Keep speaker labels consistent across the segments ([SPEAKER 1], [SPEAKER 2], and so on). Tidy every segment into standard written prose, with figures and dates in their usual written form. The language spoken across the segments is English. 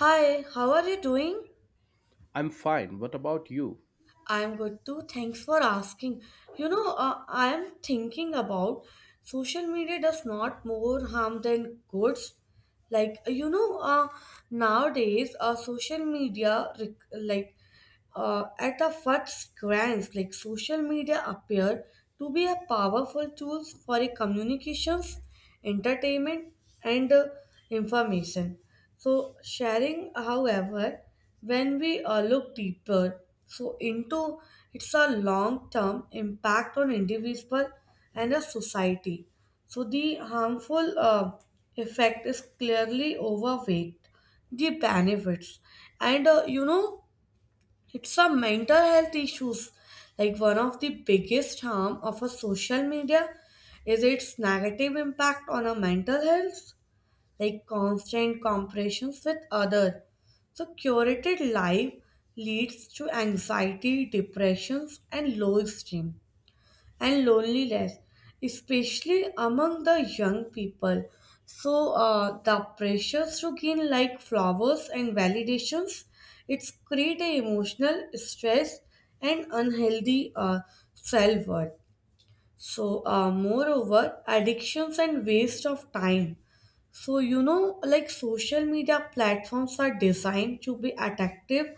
[SPEAKER 1] Hi, how are you doing?
[SPEAKER 2] I'm fine. What about you?
[SPEAKER 1] I'm good too. Thanks for asking. I am thinking about social media does not more harm than goods like you know uh, nowadays social media at a first glance, like social media appear to be a powerful tools for a communications, entertainment, and information so sharing. However, when we look deeper so into it's a long term impact on individual and a society, so the harmful effect is clearly overweight the benefits, and it's a mental health issues. Like one of the biggest harm of a social media is its negative impact on our mental health, like constant comparisons with other. So curated life leads to anxiety, depressions, and low esteem and loneliness, especially among the young people. So the pressures to gain like flowers and validations, it's create a emotional stress and unhealthy self-worth. So, moreover, addictions and waste of time. So, you know, like social media platforms are designed to be addictive,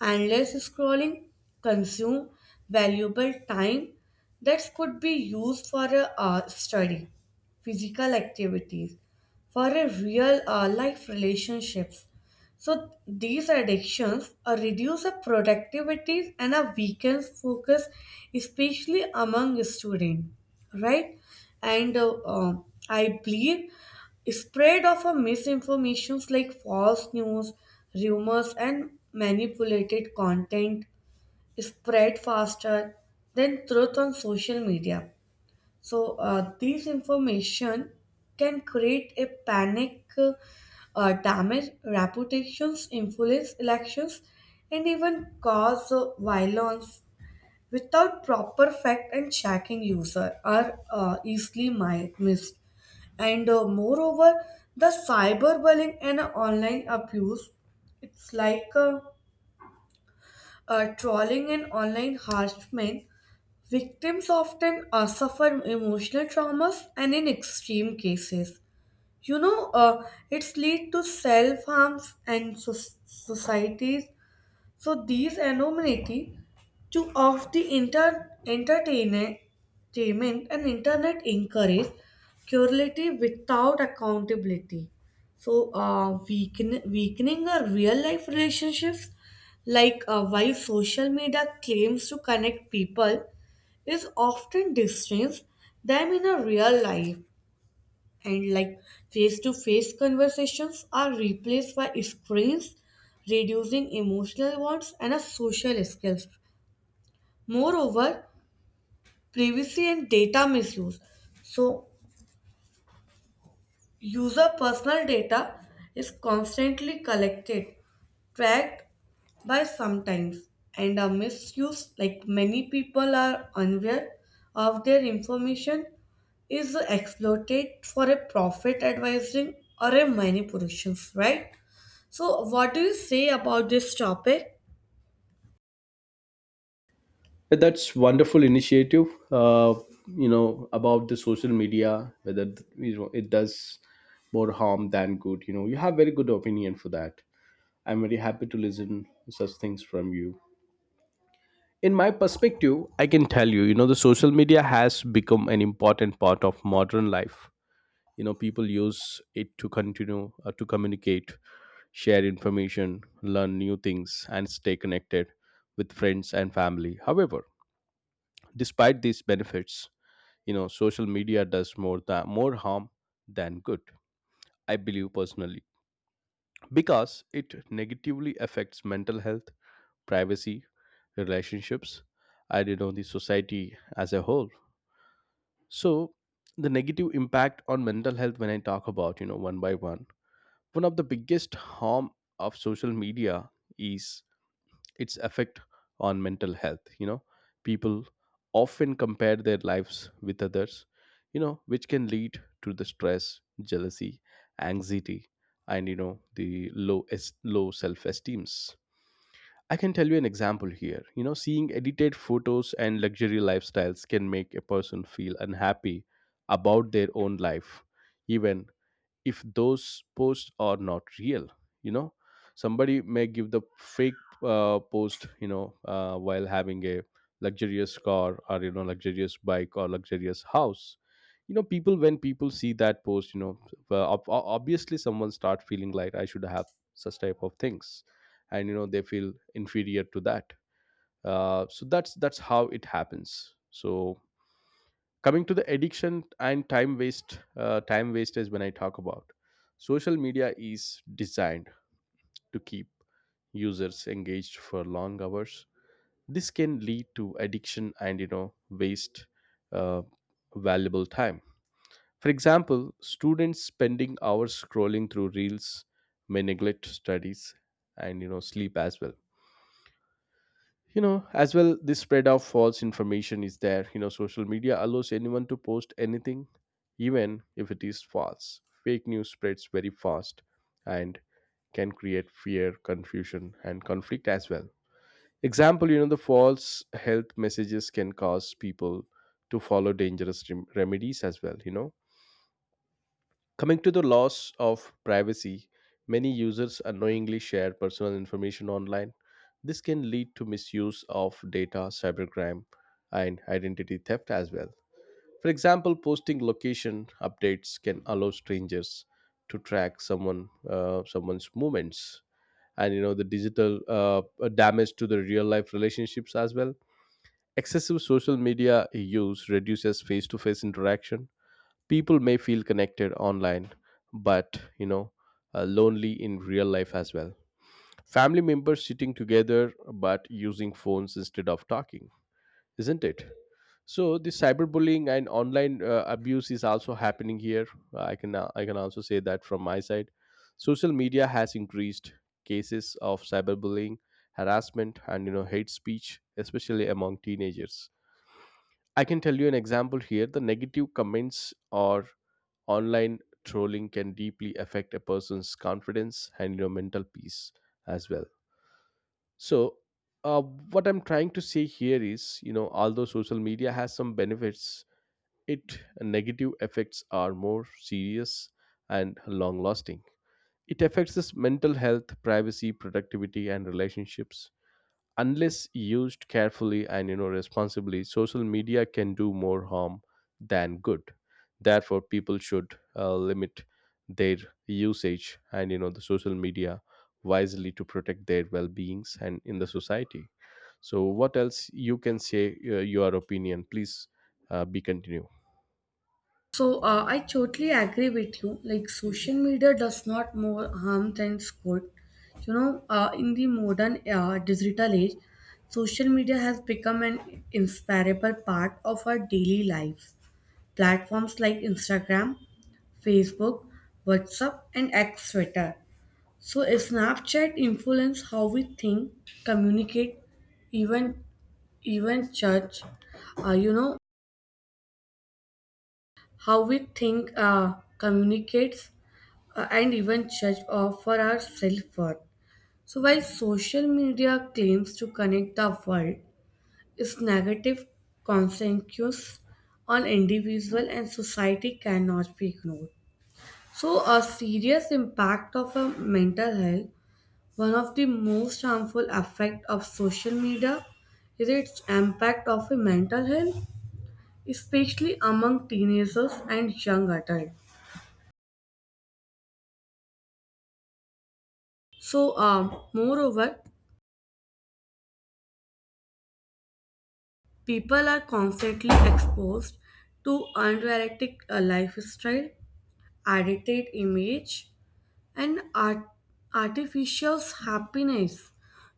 [SPEAKER 1] endless scrolling, consume valuable time that could be used for a study, physical activities, for a real life relationships. So these addictions reduce the productivity and a weakens focus, especially among students, right? And I believe spread of a misinformations like false news, rumors, and manipulated content spread faster than truth on social media. So these information can create a panic, damage reputations, influence elections, and even cause violence without proper fact and checking user are easily missed. And moreover, the cyberbullying and online abuse, it's like trolling and online harassment. Victims often suffer emotional traumas and in extreme cases, it's lead to self-harms and societies. So these anonymity to of the inter entertainment and internet encourage curiosity without accountability. So weakening our real life relationships, like why social media claims to connect people, is often distanced them in a real life and like face to face conversations are replaced by screens, reducing emotional wants and a social skills. Moreover, privacy and data misuse. So, user personal data is constantly collected, tracked by sometimes and are misused. Like many people are unaware of their information is exploited for a profit advising or a manipulations, right? So what do you say about this topic?
[SPEAKER 2] That's wonderful initiative. You know about the social media, whether you know it does more harm than good. You know, you have very good opinion for that. I'm very happy to listen such things from you. In my perspective, I can tell you, you know, the social media has become an important part of modern life. You know, people use it to continue to communicate, share information, learn new things, and stay connected with friends and family. However, despite these benefits, you know, social media does more than more harm than good, I believe personally, because it negatively affects mental health, privacy, relationships, and you know, the society as a whole. So the negative impact on mental health, when I talk about, you know, one by one. One of the biggest harm of social media is its effect on mental health. You know, people often compare their lives with others, you know, which can lead to the stress, jealousy, anxiety, and you know, the low self-esteems. I can tell you an example here. You know, seeing edited photos and luxury lifestyles can make a person feel unhappy about their own life, even if those posts are not real. You know, somebody may give the fake post, you know, while having a luxurious car, or you know, luxurious bike, or luxurious house. You know, people, when people see that post, you know, obviously someone start feeling like I should have such type of things, and you know, they feel inferior to that. So that's how it happens. So coming to the addiction and time waste, time waste is, when I talk about, social media is designed to keep users engaged for long hours. This can lead to addiction and you know, waste uh, valuable time. For example, students spending hours scrolling through reels may neglect studies, and you know, sleep as well. You know, as well, this spread of false information is there. You know, social media allows anyone to post anything. Even if it is false, fake news spreads very fast and can create fear, confusion, and conflict as well. Example, you know, the false health messages can cause people to follow dangerous remedies as well, you know. Coming to the loss of privacy, many users unknowingly share personal information online. This can lead to misuse of data, cybercrime, and identity theft as well. For example, posting location updates can allow strangers to track someone's movements, and you know, the digital damage to the real life relationships as well. Excessive social media use reduces face to face interaction. People may feel connected online, but you know, lonely in real life as well. Family members sitting together but using phones instead of talking, isn't it? So the cyberbullying and online abuse is also happening here. I can also say that from my side, social media has increased cases of cyberbullying, harassment, and you know, hate speech, especially among teenagers. I can tell you an example here. The negative comments, or online trolling, can deeply affect a person's confidence and your mental peace as well. So, uh, what I'm trying to say here is, you know, although social media has some benefits, its negative effects are more serious and long lasting. It affects us mental health, privacy, productivity, and relationships. Unless used carefully and you know, responsibly, social media can do more harm than good. Therefore, people should limit their usage and you know, the social media wisely to protect their well-beings and in the society. So what else you can say, your opinion please, be continue.
[SPEAKER 1] So I totally agree with you. Like social media does not more harm than good. You know, in the modern digital age, social media has become an inseparable part of our daily lives. Platforms like Instagram, Facebook, WhatsApp, and X Twitter. So Snapchat influence how we think, communicate, even even judge. You know how we think, communicates and even judged of for our self-worth. So while social media claims to connect the world, its negative consequences on individual and society cannot be ignored. So a serious impact of a mental health, one of the most harmful effect of social media is its impact of a mental health, especially among teenagers and young adults. So, moreover, people are constantly exposed to unrealistic lifestyle, edited image, and artificial happiness.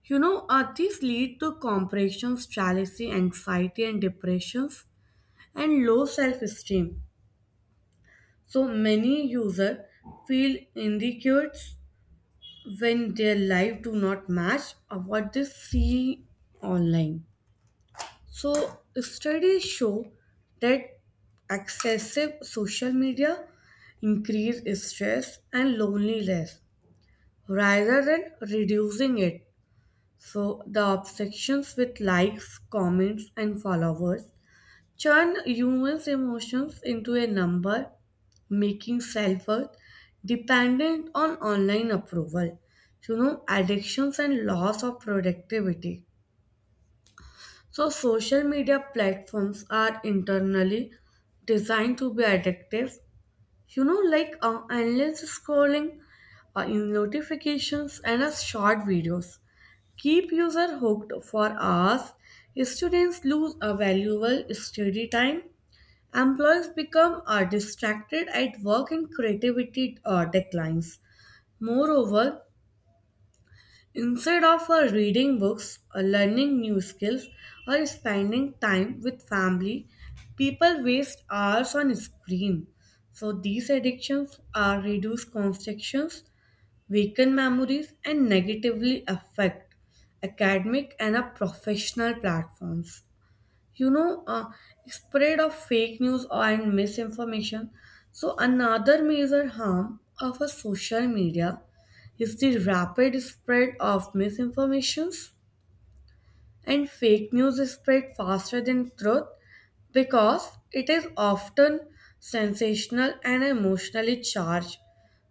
[SPEAKER 1] You know, these lead to compressions, jealousy, anxiety, and depressions, and low self-esteem. So many users feel insecure when their life do not match what they see online. So, studies show that excessive social media increase stress and loneliness rather than reducing it. So, the obsessions with likes, comments, and followers turn humans' emotions into a number, making self worth dependent on online approval. You know, addictions and loss of productivity. So, social media platforms are internally designed to be addictive. You know, like endless scrolling, in notifications, and short videos keep user hooked for hours. Students lose a valuable study time. Employees become distracted at work, and creativity declines. Moreover, instead of reading books or learning new skills or spending time with family, people waste hours on screen. So these addictions are reduce concentrations, weaken memories, and negatively affect academic and professional platforms. You know, spread of fake news and misinformation. So another major harm of a social media is the rapid spread of misinformations, and fake news is spread faster than truth because it is often sensational and emotionally charged.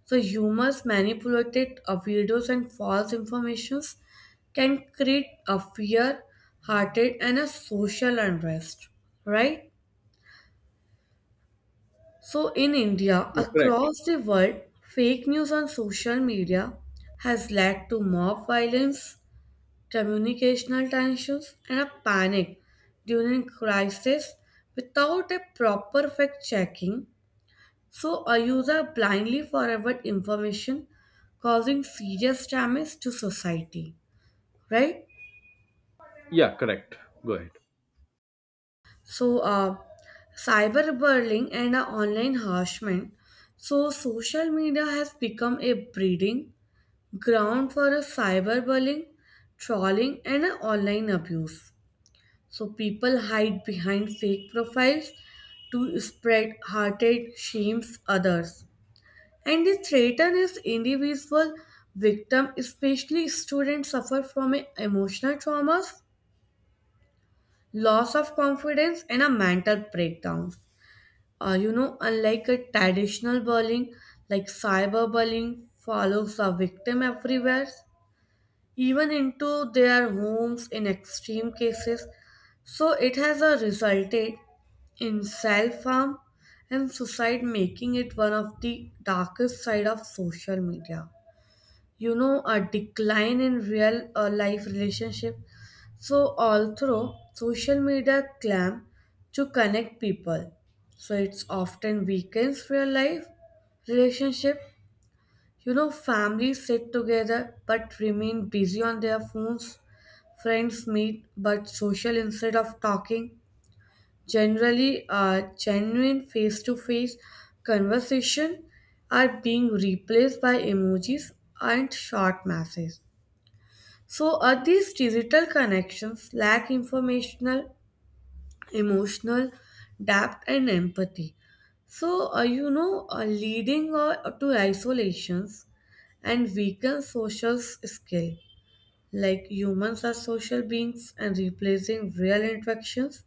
[SPEAKER 1] So humors manipulated videos and false informations can create a fear, hearted and a social unrest, right? So in India,
[SPEAKER 2] Yeah, correct.
[SPEAKER 1] across the world, fake news on social media has led to mob violence, communicational tensions, and a panic during crisis without a proper fact checking. So, a user blindly forward information causing serious damage to society, right?
[SPEAKER 2] Yeah, correct. Go ahead.
[SPEAKER 1] So, cyberbullying and online harassment. So, social media has become a breeding ground for a cyberbullying, trolling, and online abuse. So people hide behind fake profiles to spread hearted shames others. And the threaten is individual victim, especially students suffer from a emotional traumas, loss of confidence, and a mental breakdown. You know, unlike a traditional bullying, like cyberbullying follows a victim everywhere, even into their homes in extreme cases. So it has resulted in self harm and suicide, making it one of the darkest side of social media. You know, a decline in real life relationship. So although social media claim to connect people, so it's often weakens real life relationship. You know, families sit together but remain busy on their phones. Friends meet, but social instead of talking. Generally, a genuine face to face conversation are being replaced by emojis and short messages. So, are these digital connections lack informational, emotional depth, and empathy? So, leading to isolations and weaken social skill. Like humans are social beings and replacing real interactions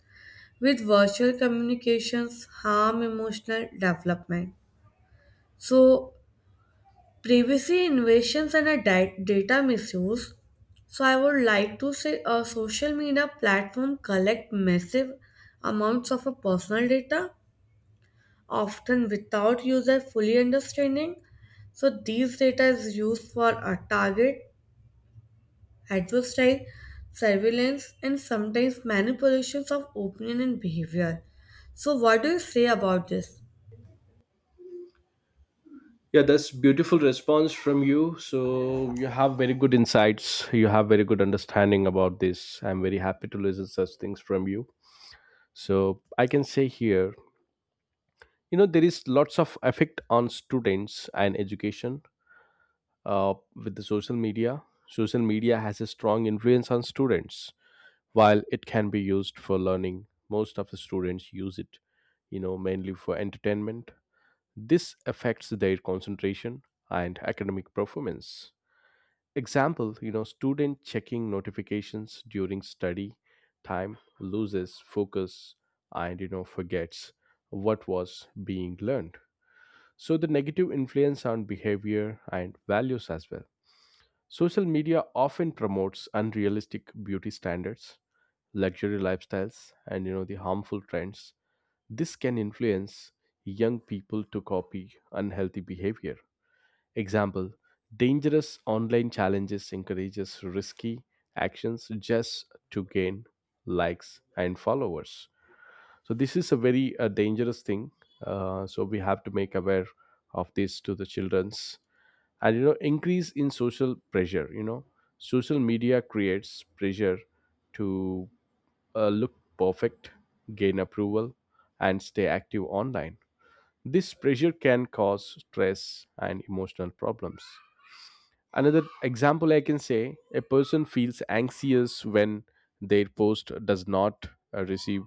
[SPEAKER 1] with virtual communications harm emotional development. So, privacy invasions and a data misuse. So, I would like to say a social media platform collect massive amounts of a personal data, often without user fully understanding. So these data is used for a target adversarial surveillance, and sometimes manipulations of opinion and behavior. So, what do you say about this?
[SPEAKER 2] Yeah, that's beautiful response from you. So you have very good insights, you have very good understanding about this. I'm very happy to listen such things from you. So I can say here, you know, there is lots of effect on students and education with the social media. Social media has a strong influence on students. While it can be used for learning, most of the students use it, you know, mainly for entertainment. This affects their concentration and academic performance. Example, you know, student checking notifications during study time loses focus, and you know, forgets what was being learned. So, the negative influence on behavior and values as well. Social media often promotes unrealistic beauty standards, luxury lifestyles, and you know, the harmful trends. This can influence young people to copy unhealthy behavior. Example, dangerous online challenges encourages risky actions just to gain likes and followers. So this is a very dangerous thing. So we have to make aware of this to the children's, and you know, increase in social pressure. You know, social media creates pressure to look perfect, gain approval, and stay active online. This pressure can cause stress and emotional problems. Another example I can say, a person feels anxious when their post does not receive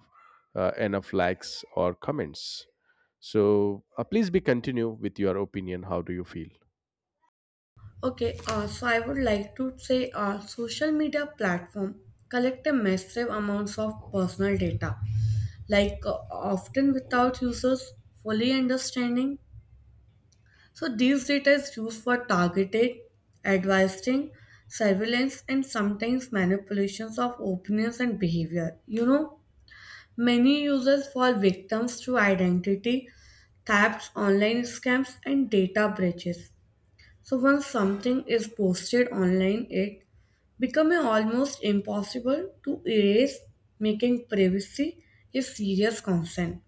[SPEAKER 2] enough likes or comments. So please be continue with your opinion. How do you feel?
[SPEAKER 1] Okay, so I would like to say social media platform collect a massive amounts of personal data, like often without users fully understanding. So these data is used for targeted advising, surveillance, and sometimes manipulations of opinions and behavior. You know, many users fall victims to identity thefts, online scams, and data breaches. So once something is posted online, it becomes almost impossible to erase, making privacy a serious concern.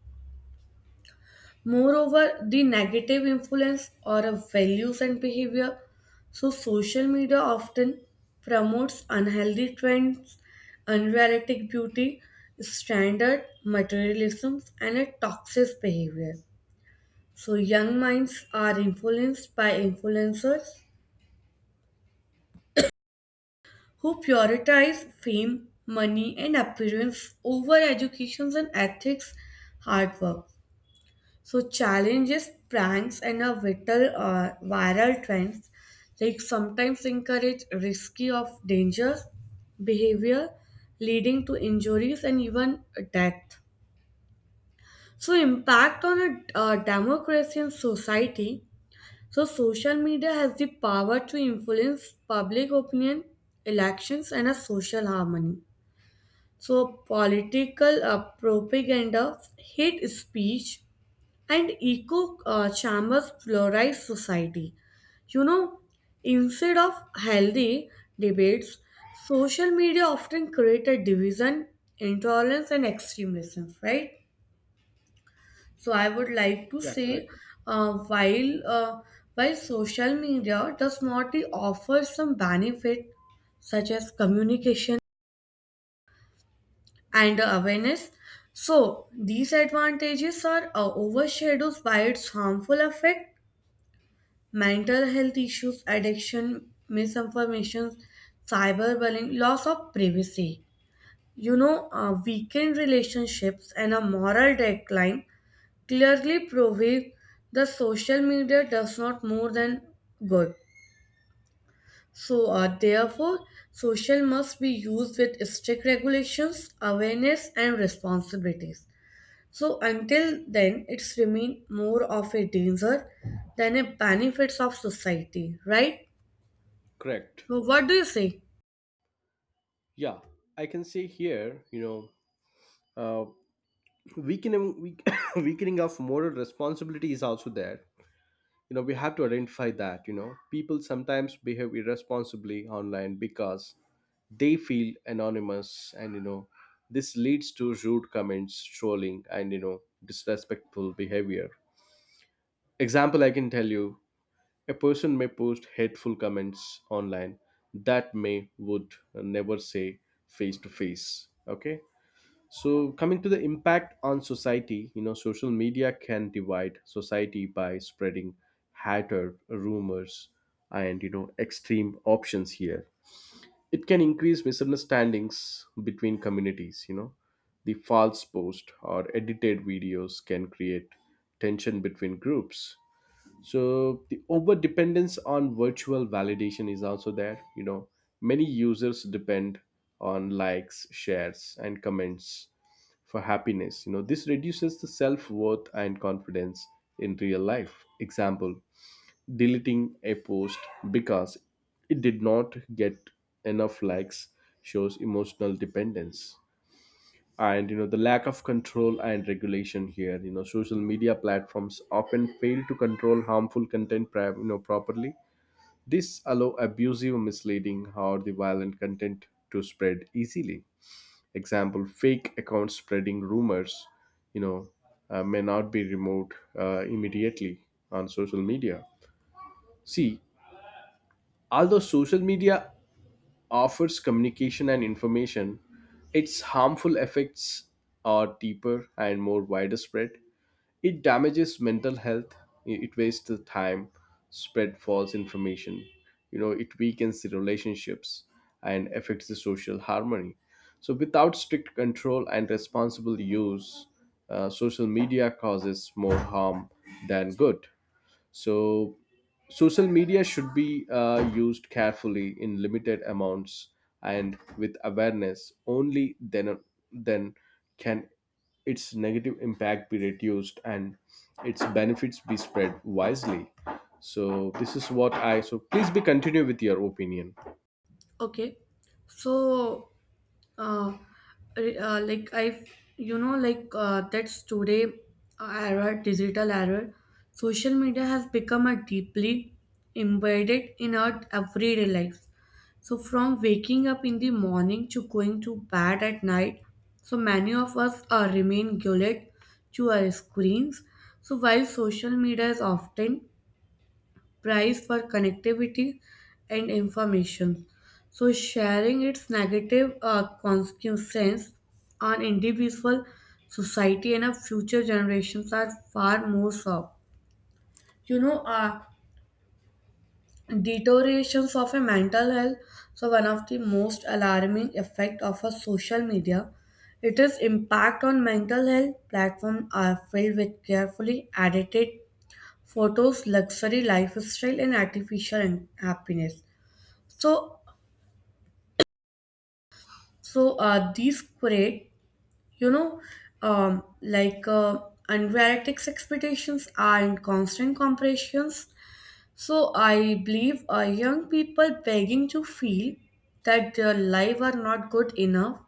[SPEAKER 1] Moreover, the negative influence or of values and behavior. So, social media often promotes unhealthy trends, unrealistic beauty, standard materialism, and a toxic behavior. So, young minds are influenced by influencers who prioritize fame, money, and appearance over education and ethics, hard work. So challenges, pranks, and a vital viral trends, like sometimes encourage risky of dangerous behavior, leading to injuries and even death. So impact on a democracy and society. So social media has the power to influence public opinion, elections, and a social harmony. So political propaganda, hate speech, and Eco Chambers Fluoride Society. You know, instead of healthy debates, social media often created division, intolerance, and extremism, right? So I would like to say, uh, while uh, while social media does not offer some benefit such as communication and awareness, so these advantages are overshadowed by its harmful effect, mental health issues, addiction, misinformation, cyberbullying, loss of privacy. You know, weakened relationships and a moral decline clearly prove the social media does not more than good. So, therefore, social must be used with strict regulations, awareness, and responsibilities. So, until then, it's remain more of a danger than a benefits of society, right?
[SPEAKER 2] Correct.
[SPEAKER 1] So what do you say?
[SPEAKER 2] Yeah, I can say here, you know, uh, weakening, weakening of moral responsibility is also there. You know, we have to identify that, you know, people sometimes behave irresponsibly online because they feel anonymous, and you know, this leads to rude comments, trolling, and you know, disrespectful behavior. Example, I can tell you, a person may post hateful comments online that may would never say face to face. Okay. So, coming to the impact on society, you know, social media can divide society by spreading hatred, rumors, and you know, extreme options here. It can increase misunderstandings between communities, you know. The false post or edited videos can create tension between groups. So the over dependence on virtual validation is also there. You know, many users depend on likes, shares, and comments for happiness. You know, this reduces the self-worth and confidence in real life. Example, deleting a post because it did not get enough likes shows emotional dependence, and you know, the lack of control and regulation here. You know, social media platforms often fail to control harmful content you know, properly. This allow abusive, misleading, or the violent content to spread easily. Example, fake accounts spreading rumors, you know, may not be removed immediately on social media. See, although social media offers communication and information, its harmful effects are deeper and more widespread. It damages mental health, it wastes the time, spread false information, you know, it weakens the relationships and affects the social harmony. So without strict control and responsible use, social media causes more harm than good. So social media should be used carefully in limited amounts and with awareness. Only then, can its negative impact be reduced and its benefits be spread wisely. So this is what I, so please be continue with your opinion.
[SPEAKER 1] Okay. So, uh, like I, you know, like that's today era, digital era. Social media has become a deeply embedded in our everyday lives. So from waking up in the morning to going to bed at night, so many of us remain glued to our screens. So while social media is often price for connectivity and information. So, sharing its negative consequences on individual, society, and our future generations are far more so. You know, deteriorations of a mental health. So, one of the most alarming effect of a social media. It is impact on mental health. Platforms are filled with carefully edited photos, luxury lifestyle, and artificial happiness. So, so these create, you know, um, like uh, unrealistic expectations are in constant comparisons. So I believe young people begging to feel that their life are not good enough,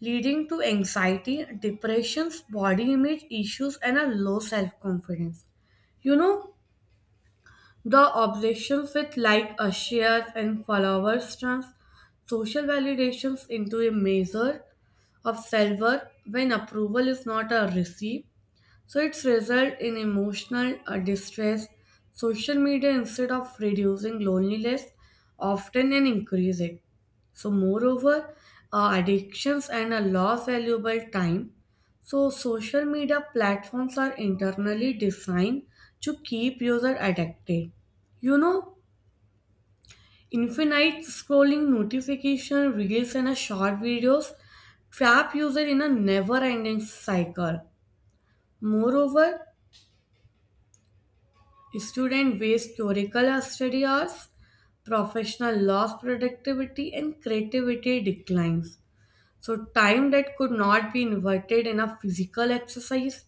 [SPEAKER 1] leading to anxiety, depressions, body image issues, and a low self confidence. You know, the obsessions with like shares and followers turns social validations into a measure of silver when approval is not a receipt. So it's result in emotional distress. Social media instead of reducing loneliness often and increase it. So moreover, addictions and a loss valuable time. So social media platforms are internally designed to keep user addicted. You know, Infinite scrolling notification reels and a short videos trap user in a never-ending cycle. Moreover, student waste curricular study hours, professional loss productivity and creativity declines. So, time that could not be inverted in a physical exercise,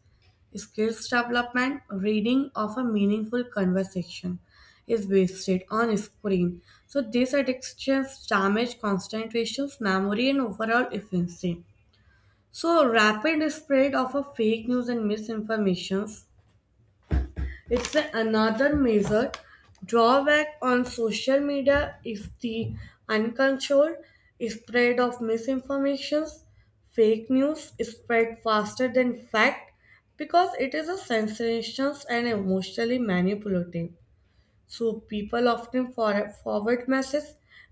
[SPEAKER 1] skills development, reading of a meaningful conversation is wasted on screen. So, these addictions damage concentrations, memory, and overall efficiency. So, rapid spread of a fake news and misinformation another major drawback on social media is the uncontrolled spread of misinformation. Fake news is spread faster than fact because it is a sensational and emotionally manipulative. So people often forward messages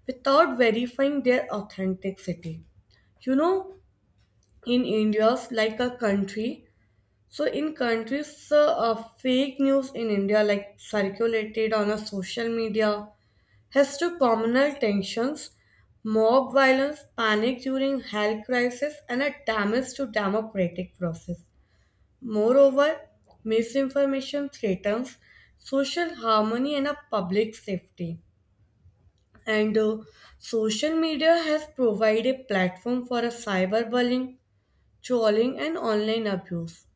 [SPEAKER 1] without verifying their authenticity. You know, in India's like a country so in countries, fake news in India, like circulated on a social media, has to communal tensions, mob violence, panic during health crisis, and a damage to democratic process. Moreover, misinformation threatens social harmony and a public safety. And social media has provided a platform for a cyberbullying, trolling, and online abuse.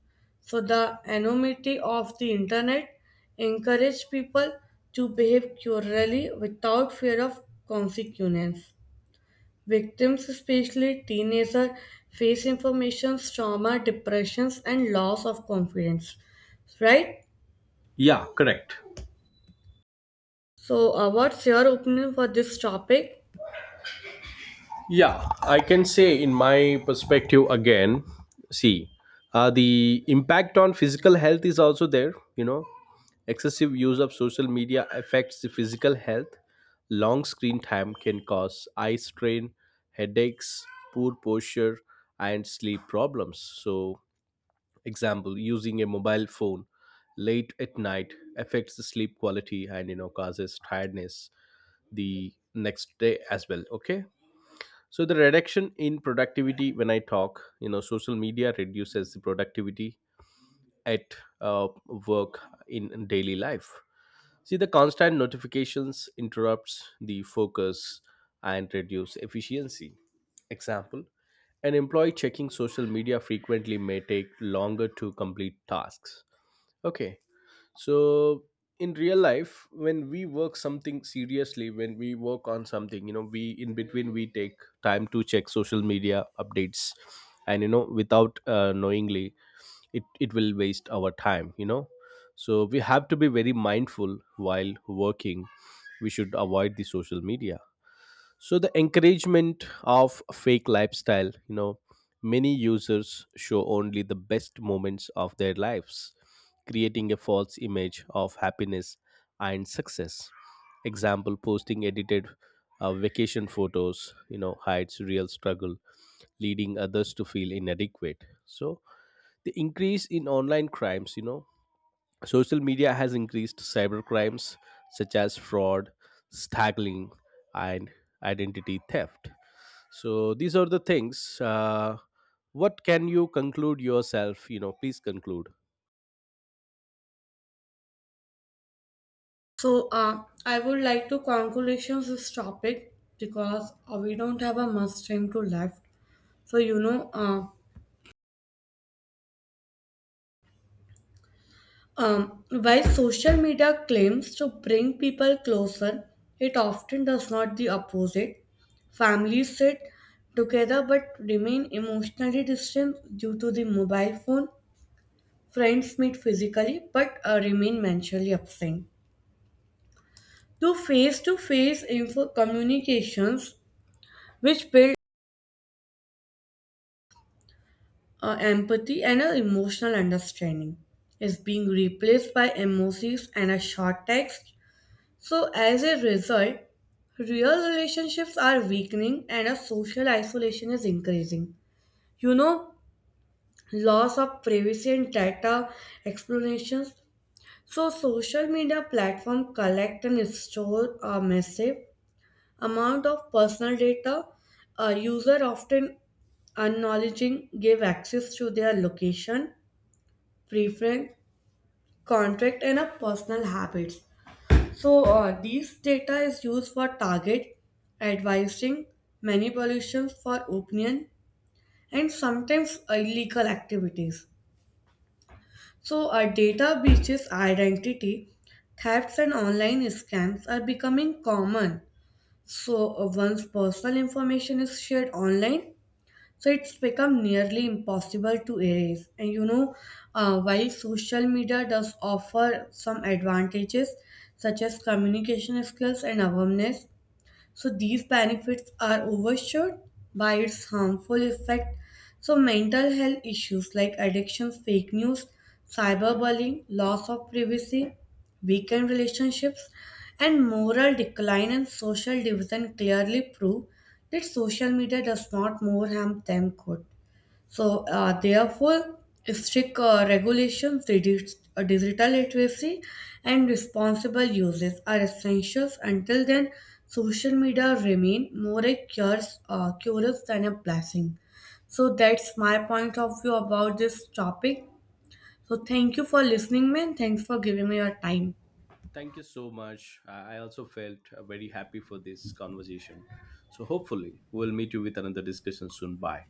[SPEAKER 1] So, the anonymity of the internet encourages people to behave cruelly without fear of consequence. Victims, especially teenagers, face information, trauma, depressions, and loss of confidence. Right?
[SPEAKER 2] Yeah, correct.
[SPEAKER 1] So, what's your opinion for this topic?
[SPEAKER 2] Yeah, I can say in my perspective again. See, the impact on physical health is also there. You know, excessive use of social media affects the physical health. Long screen time can cause eye strain, headaches, poor posture, and sleep problems. So example, using a mobile phone late at night affects the sleep quality and you know, causes tiredness the next day as well. Okay. So the reduction in productivity, when I talk, you know, social media reduces the productivity at uh, work, in daily life. See, the constant notifications interrupts the focus and reduce efficiency. Example, an employee checking social media frequently may take longer to complete tasks. Okay. So in real life, when we work something seriously, when we work on something, you know, we in between we take time to check social media updates, and you know, without knowingly, it will waste our time. You know, so we have to be very mindful while working. We should avoid the social media. So the encouragement of fake lifestyle, you know, many users show only the best moments of their lives, creating a false image of happiness and success. Example, posting edited vacation photos, you know, hides real struggle, leading others to feel inadequate. So the increase in online crimes, you know, social media has increased cybercrimes such as fraud, smuggling, and identity theft. So these are the things. What can you conclude yourself? You know, please conclude.
[SPEAKER 1] So, I would like to conclusions this topic because we don't have a much time to left. So, while social media claims to bring people closer, it often does not the opposite. Families sit together but remain emotionally distant due to the mobile phone. Friends meet physically but remain mentally absent. To face info communications, which build empathy and an emotional understanding, is being replaced by emojis and a short text. So, as a result, real relationships are weakening and a social isolation is increasing. You know, loss of privacy and data explanations. So, social media platform collect and store a massive amount of personal data. A user often acknowledging give access to their location, preference, contract, and a personal habits. So these data is used for target advising, manipulations for opinion, and sometimes illegal activities. So data breaches, identity thefts, and online scams are becoming common. So once personal information is shared online, so it's become nearly impossible to erase. And while social media does offer some advantages such as communication skills and awareness, so these benefits are overshadowed by its harmful effect. So mental health issues like addictions, fake news, cyberbullying, loss of privacy, weakened relationships, and moral decline and social division clearly prove that social media does not more harm than good. So, therefore, strict regulations, reduce, digital literacy, and responsible uses are essentials. Until then, social media remain more a curse, curse than a blessing. So that's my point of view about this topic. So thank you for listening, man. Thanks for giving me your time.
[SPEAKER 2] Thank you so much. I also felt very happy for this conversation. So hopefully we'll meet you with another discussion soon. Bye.